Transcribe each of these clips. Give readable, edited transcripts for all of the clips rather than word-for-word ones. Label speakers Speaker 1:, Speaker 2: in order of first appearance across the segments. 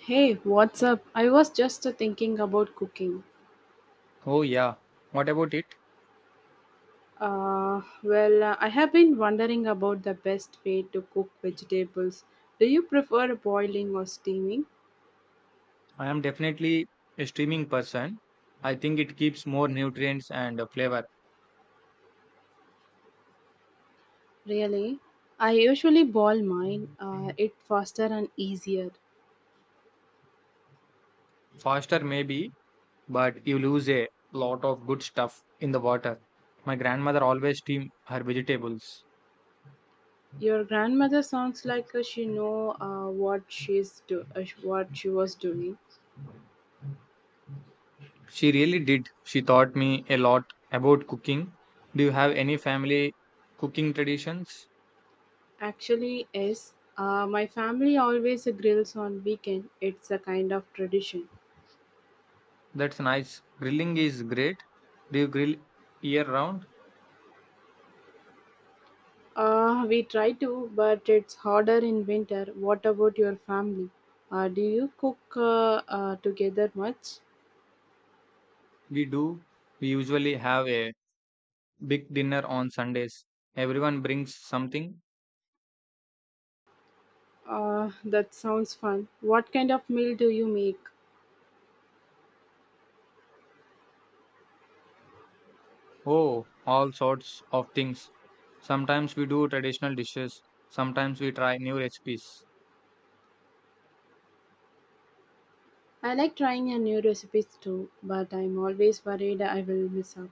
Speaker 1: Hey, what's up? I was just thinking about cooking.
Speaker 2: Oh, yeah. What about it?
Speaker 1: I have been wondering about the best way to cook vegetables. Do you prefer boiling or steaming?
Speaker 2: I am definitely a streaming person. I think it keeps more nutrients and flavor.
Speaker 1: Really? I usually boil mine. It faster and easier.
Speaker 2: Faster, maybe, but you lose a lot of good stuff in the water. My grandmother always steamed her vegetables.
Speaker 1: Your grandmother sounds like she know what she was doing.
Speaker 2: She really did. She taught me a lot about cooking. Do you have any family cooking traditions?
Speaker 1: Actually, yes. My family always grills on weekend. It's a kind of tradition.
Speaker 2: That's nice. Grilling is great. Do you grill year round?
Speaker 1: We try to, but it's harder in winter. What about your family? Do you cook together much?
Speaker 2: We do. We usually have a big dinner on Sundays. Everyone brings something.
Speaker 1: That sounds fun. What kind of meal do you make?
Speaker 2: Oh, all sorts of things. Sometimes we do traditional dishes. Sometimes we try new recipes.
Speaker 1: I like trying a new recipes too, but I'm always worried I will miss out.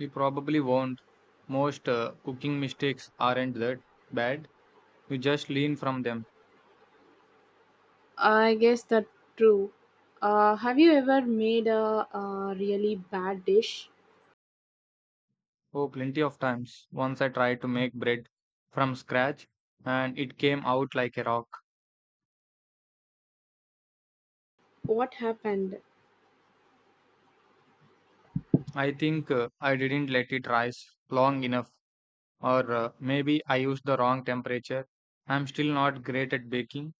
Speaker 2: We probably won't. Most cooking mistakes aren't that bad. You just learn from them.
Speaker 1: I guess that's true. Have you ever made a really bad dish?
Speaker 2: Oh, plenty of times. Once I tried to make bread from scratch and it came out like a rock.
Speaker 1: What happened?
Speaker 2: I think I didn't let it rise long enough. Or maybe I used the wrong temperature. I'm still not great at baking.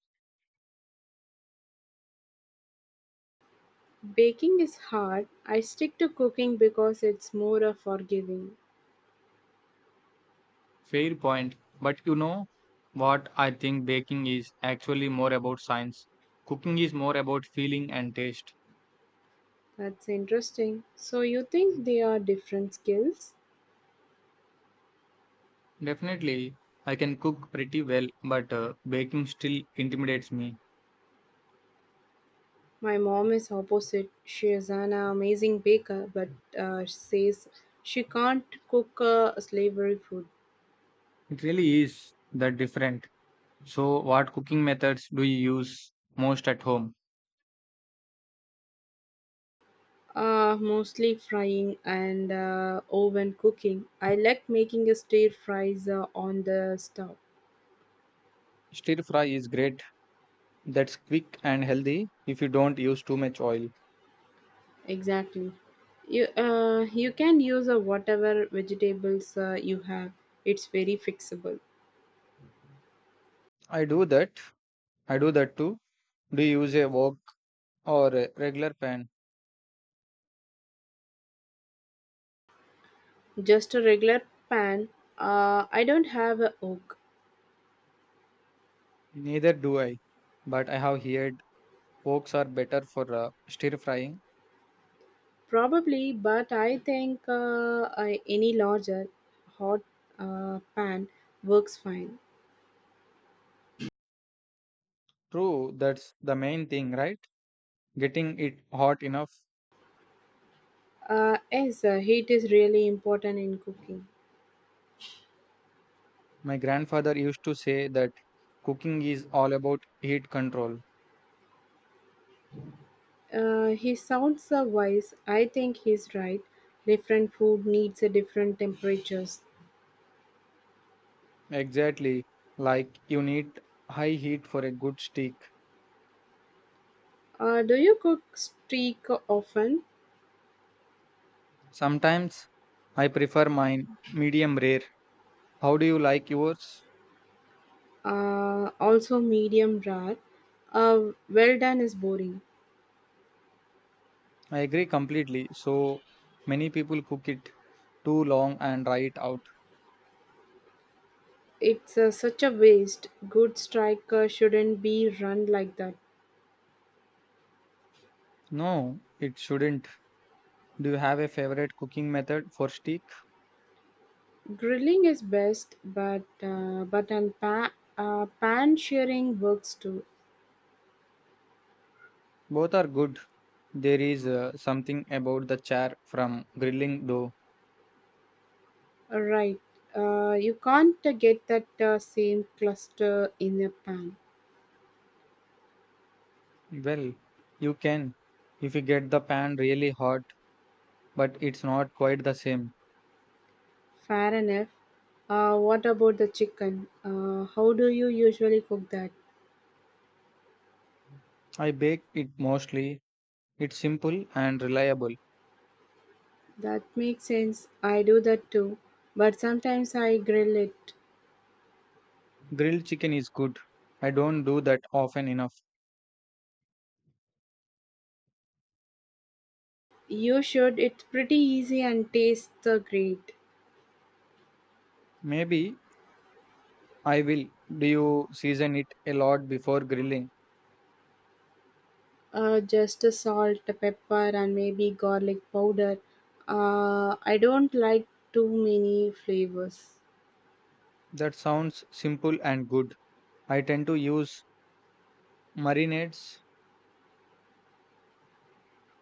Speaker 1: Baking is hard. I stick to cooking because it's more forgiving.
Speaker 2: Fair point. But you know what? I think baking is actually more about science. Cooking is more about feeling and taste.
Speaker 1: That's interesting. So you think they are different skills?
Speaker 2: Definitely, I can cook pretty well, but baking still intimidates me.
Speaker 1: My mom is opposite. She is an amazing baker, but says she can't cook slavery food.
Speaker 2: It really is that different. So, what cooking methods do you use most at home?
Speaker 1: Mostly frying and oven cooking. I like making a stir fries on the stove.
Speaker 2: Stir fry is great. That's quick and healthy if you don't use too much oil.
Speaker 1: Exactly. You can use whatever vegetables you have. It's very fixable.
Speaker 2: I do that. I do that too. Do you use a wok or a regular pan?
Speaker 1: Just a regular pan. I don't have a oak.
Speaker 2: Neither do I, but I have heard woks are better for stir frying.
Speaker 1: Probably, but I think any larger hot pan works fine.
Speaker 2: True, that's the main thing, right? Getting it hot enough.
Speaker 1: Yes, Heat is really important in cooking.
Speaker 2: My grandfather used to say that cooking is all about heat control.
Speaker 1: He sounds wise. I think he's right. Different food needs a different temperatures.
Speaker 2: Exactly, like you need high heat for a good steak.
Speaker 1: Do you cook steak often?
Speaker 2: Sometimes I prefer mine medium rare. How do you like yours?
Speaker 1: Also medium rare. Well done is boring.
Speaker 2: I agree completely. So many people cook it too long and dry it out.
Speaker 1: It's such a waste. Good striker shouldn't be run like that.
Speaker 2: No, it shouldn't. Do you have a favorite cooking method for steak?
Speaker 1: Grilling is best, but pan shearing works too.
Speaker 2: Both are good. There is something about the char from grilling though.
Speaker 1: Right, you can't get that same cluster in a pan.
Speaker 2: Well, you can if you get the pan really hot, but it's not quite the same.
Speaker 1: Fair enough. What about the chicken? How do you usually cook that?
Speaker 2: I bake it mostly. It's simple and reliable.
Speaker 1: That makes sense. I do that too, but sometimes I grill it.
Speaker 2: Grilled chicken is good. I don't do that often enough.
Speaker 1: You should. It's pretty easy and tastes great.
Speaker 2: Maybe I will. Do you season it a lot before grilling?
Speaker 1: Just a salt, a pepper, and maybe garlic powder. I don't like too many flavors.
Speaker 2: That sounds simple and good. I tend to use Marinates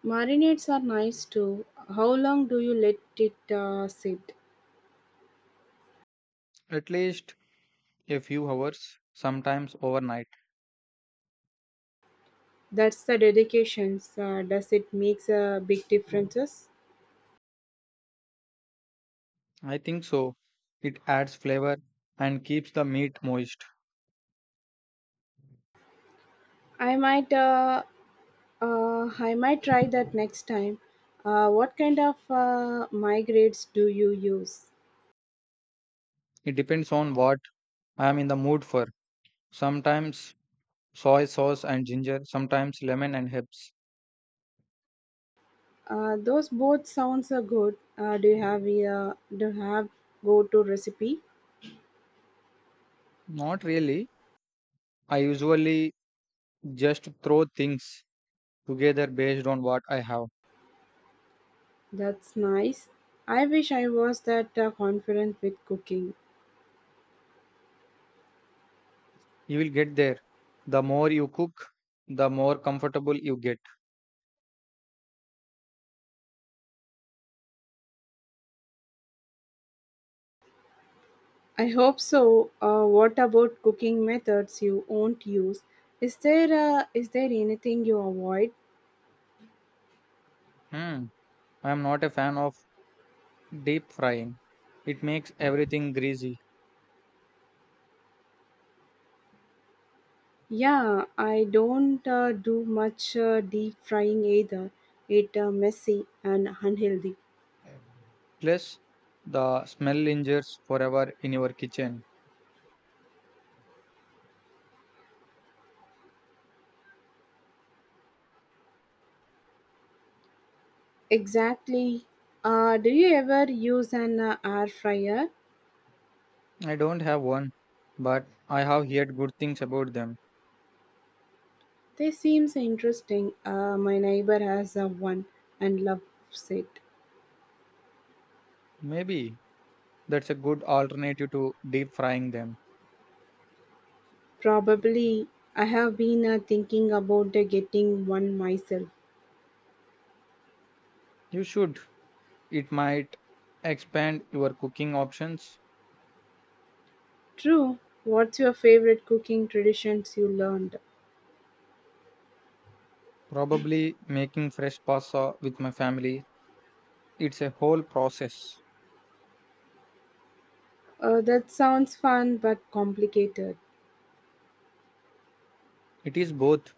Speaker 1: Marinades are nice too. How long do you let it sit?
Speaker 2: at least a few hours, sometimes overnight.
Speaker 1: That's the dedications. Does it makes a big differences?
Speaker 2: I think so. It adds flavor and keeps the meat moist.
Speaker 1: I might, uh, I might try that next time. What kind of migrates do you use?
Speaker 2: It depends on what I am in the mood for. Sometimes soy sauce and ginger, sometimes lemon and herbs.
Speaker 1: Those both sounds are good. Do you have a do you have go-to recipe?
Speaker 2: Not really. I usually just throw things together based on what I have.
Speaker 1: That's nice. I wish I was that confident with cooking.
Speaker 2: You will get there. The more you cook, the more comfortable you get.
Speaker 1: I hope so. What about cooking methods you won't use? Is there anything you avoid?
Speaker 2: Hmm. I am not a fan of deep frying. It makes everything greasy.
Speaker 1: Yeah, I don't do much deep frying either. It messy and unhealthy.
Speaker 2: Plus, the smell lingers forever in your kitchen.
Speaker 1: Exactly. Do you ever use an air fryer?
Speaker 2: I don't have one, but I have heard good things about them.
Speaker 1: They seems interesting. My neighbor has a one and loves it.
Speaker 2: Maybe that's a good alternative to deep frying them.
Speaker 1: Probably I have been thinking about getting one myself.
Speaker 2: You should. It might expand your cooking options.
Speaker 1: True. What's your favorite cooking traditions you learned?
Speaker 2: Probably making fresh pasta with my family. It's a whole process.
Speaker 1: That sounds fun but complicated.
Speaker 2: It is both,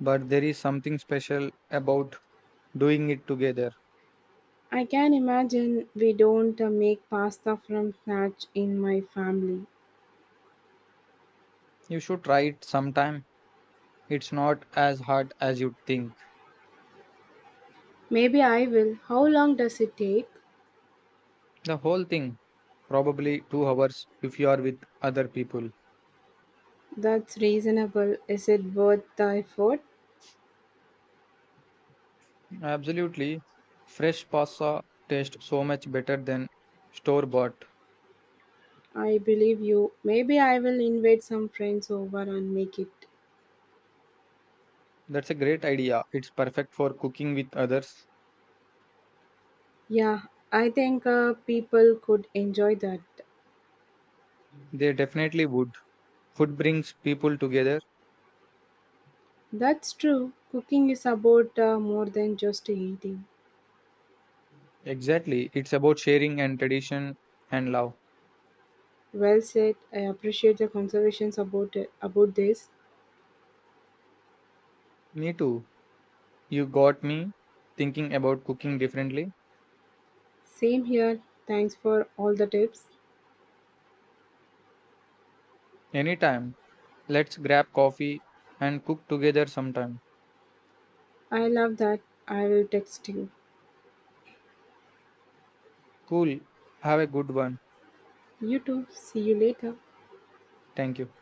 Speaker 2: but there is something special about doing it together.
Speaker 1: I can imagine we don't make pasta from scratch in my family.
Speaker 2: You should try it sometime. It's not as hard as you think.
Speaker 1: Maybe I will. How long does it take?
Speaker 2: The whole thing probably 2 hours if you are with other people.
Speaker 1: That's reasonable. Is it worth the effort?
Speaker 2: Absolutely. Fresh pasta tastes so much better than store bought.
Speaker 1: I believe you. Maybe I will invite some friends over and make it.
Speaker 2: That's a great idea. It's perfect for cooking with others.
Speaker 1: Yeah, I think people could enjoy that.
Speaker 2: They definitely would. Food brings people together.
Speaker 1: That's true. Cooking is about more than just eating.
Speaker 2: Exactly. It's about sharing and tradition and love.
Speaker 1: Well said. I appreciate the conversations about it, about this.
Speaker 2: Me too. You got me thinking about cooking differently.
Speaker 1: Same here. Thanks for all the tips.
Speaker 2: Anytime. Let's grab coffee and cook together sometime.
Speaker 1: I love that. I will text you.
Speaker 2: Cool. Have a good one.
Speaker 1: You too. See you later.
Speaker 2: Thank you.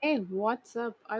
Speaker 1: Hey, what's up? I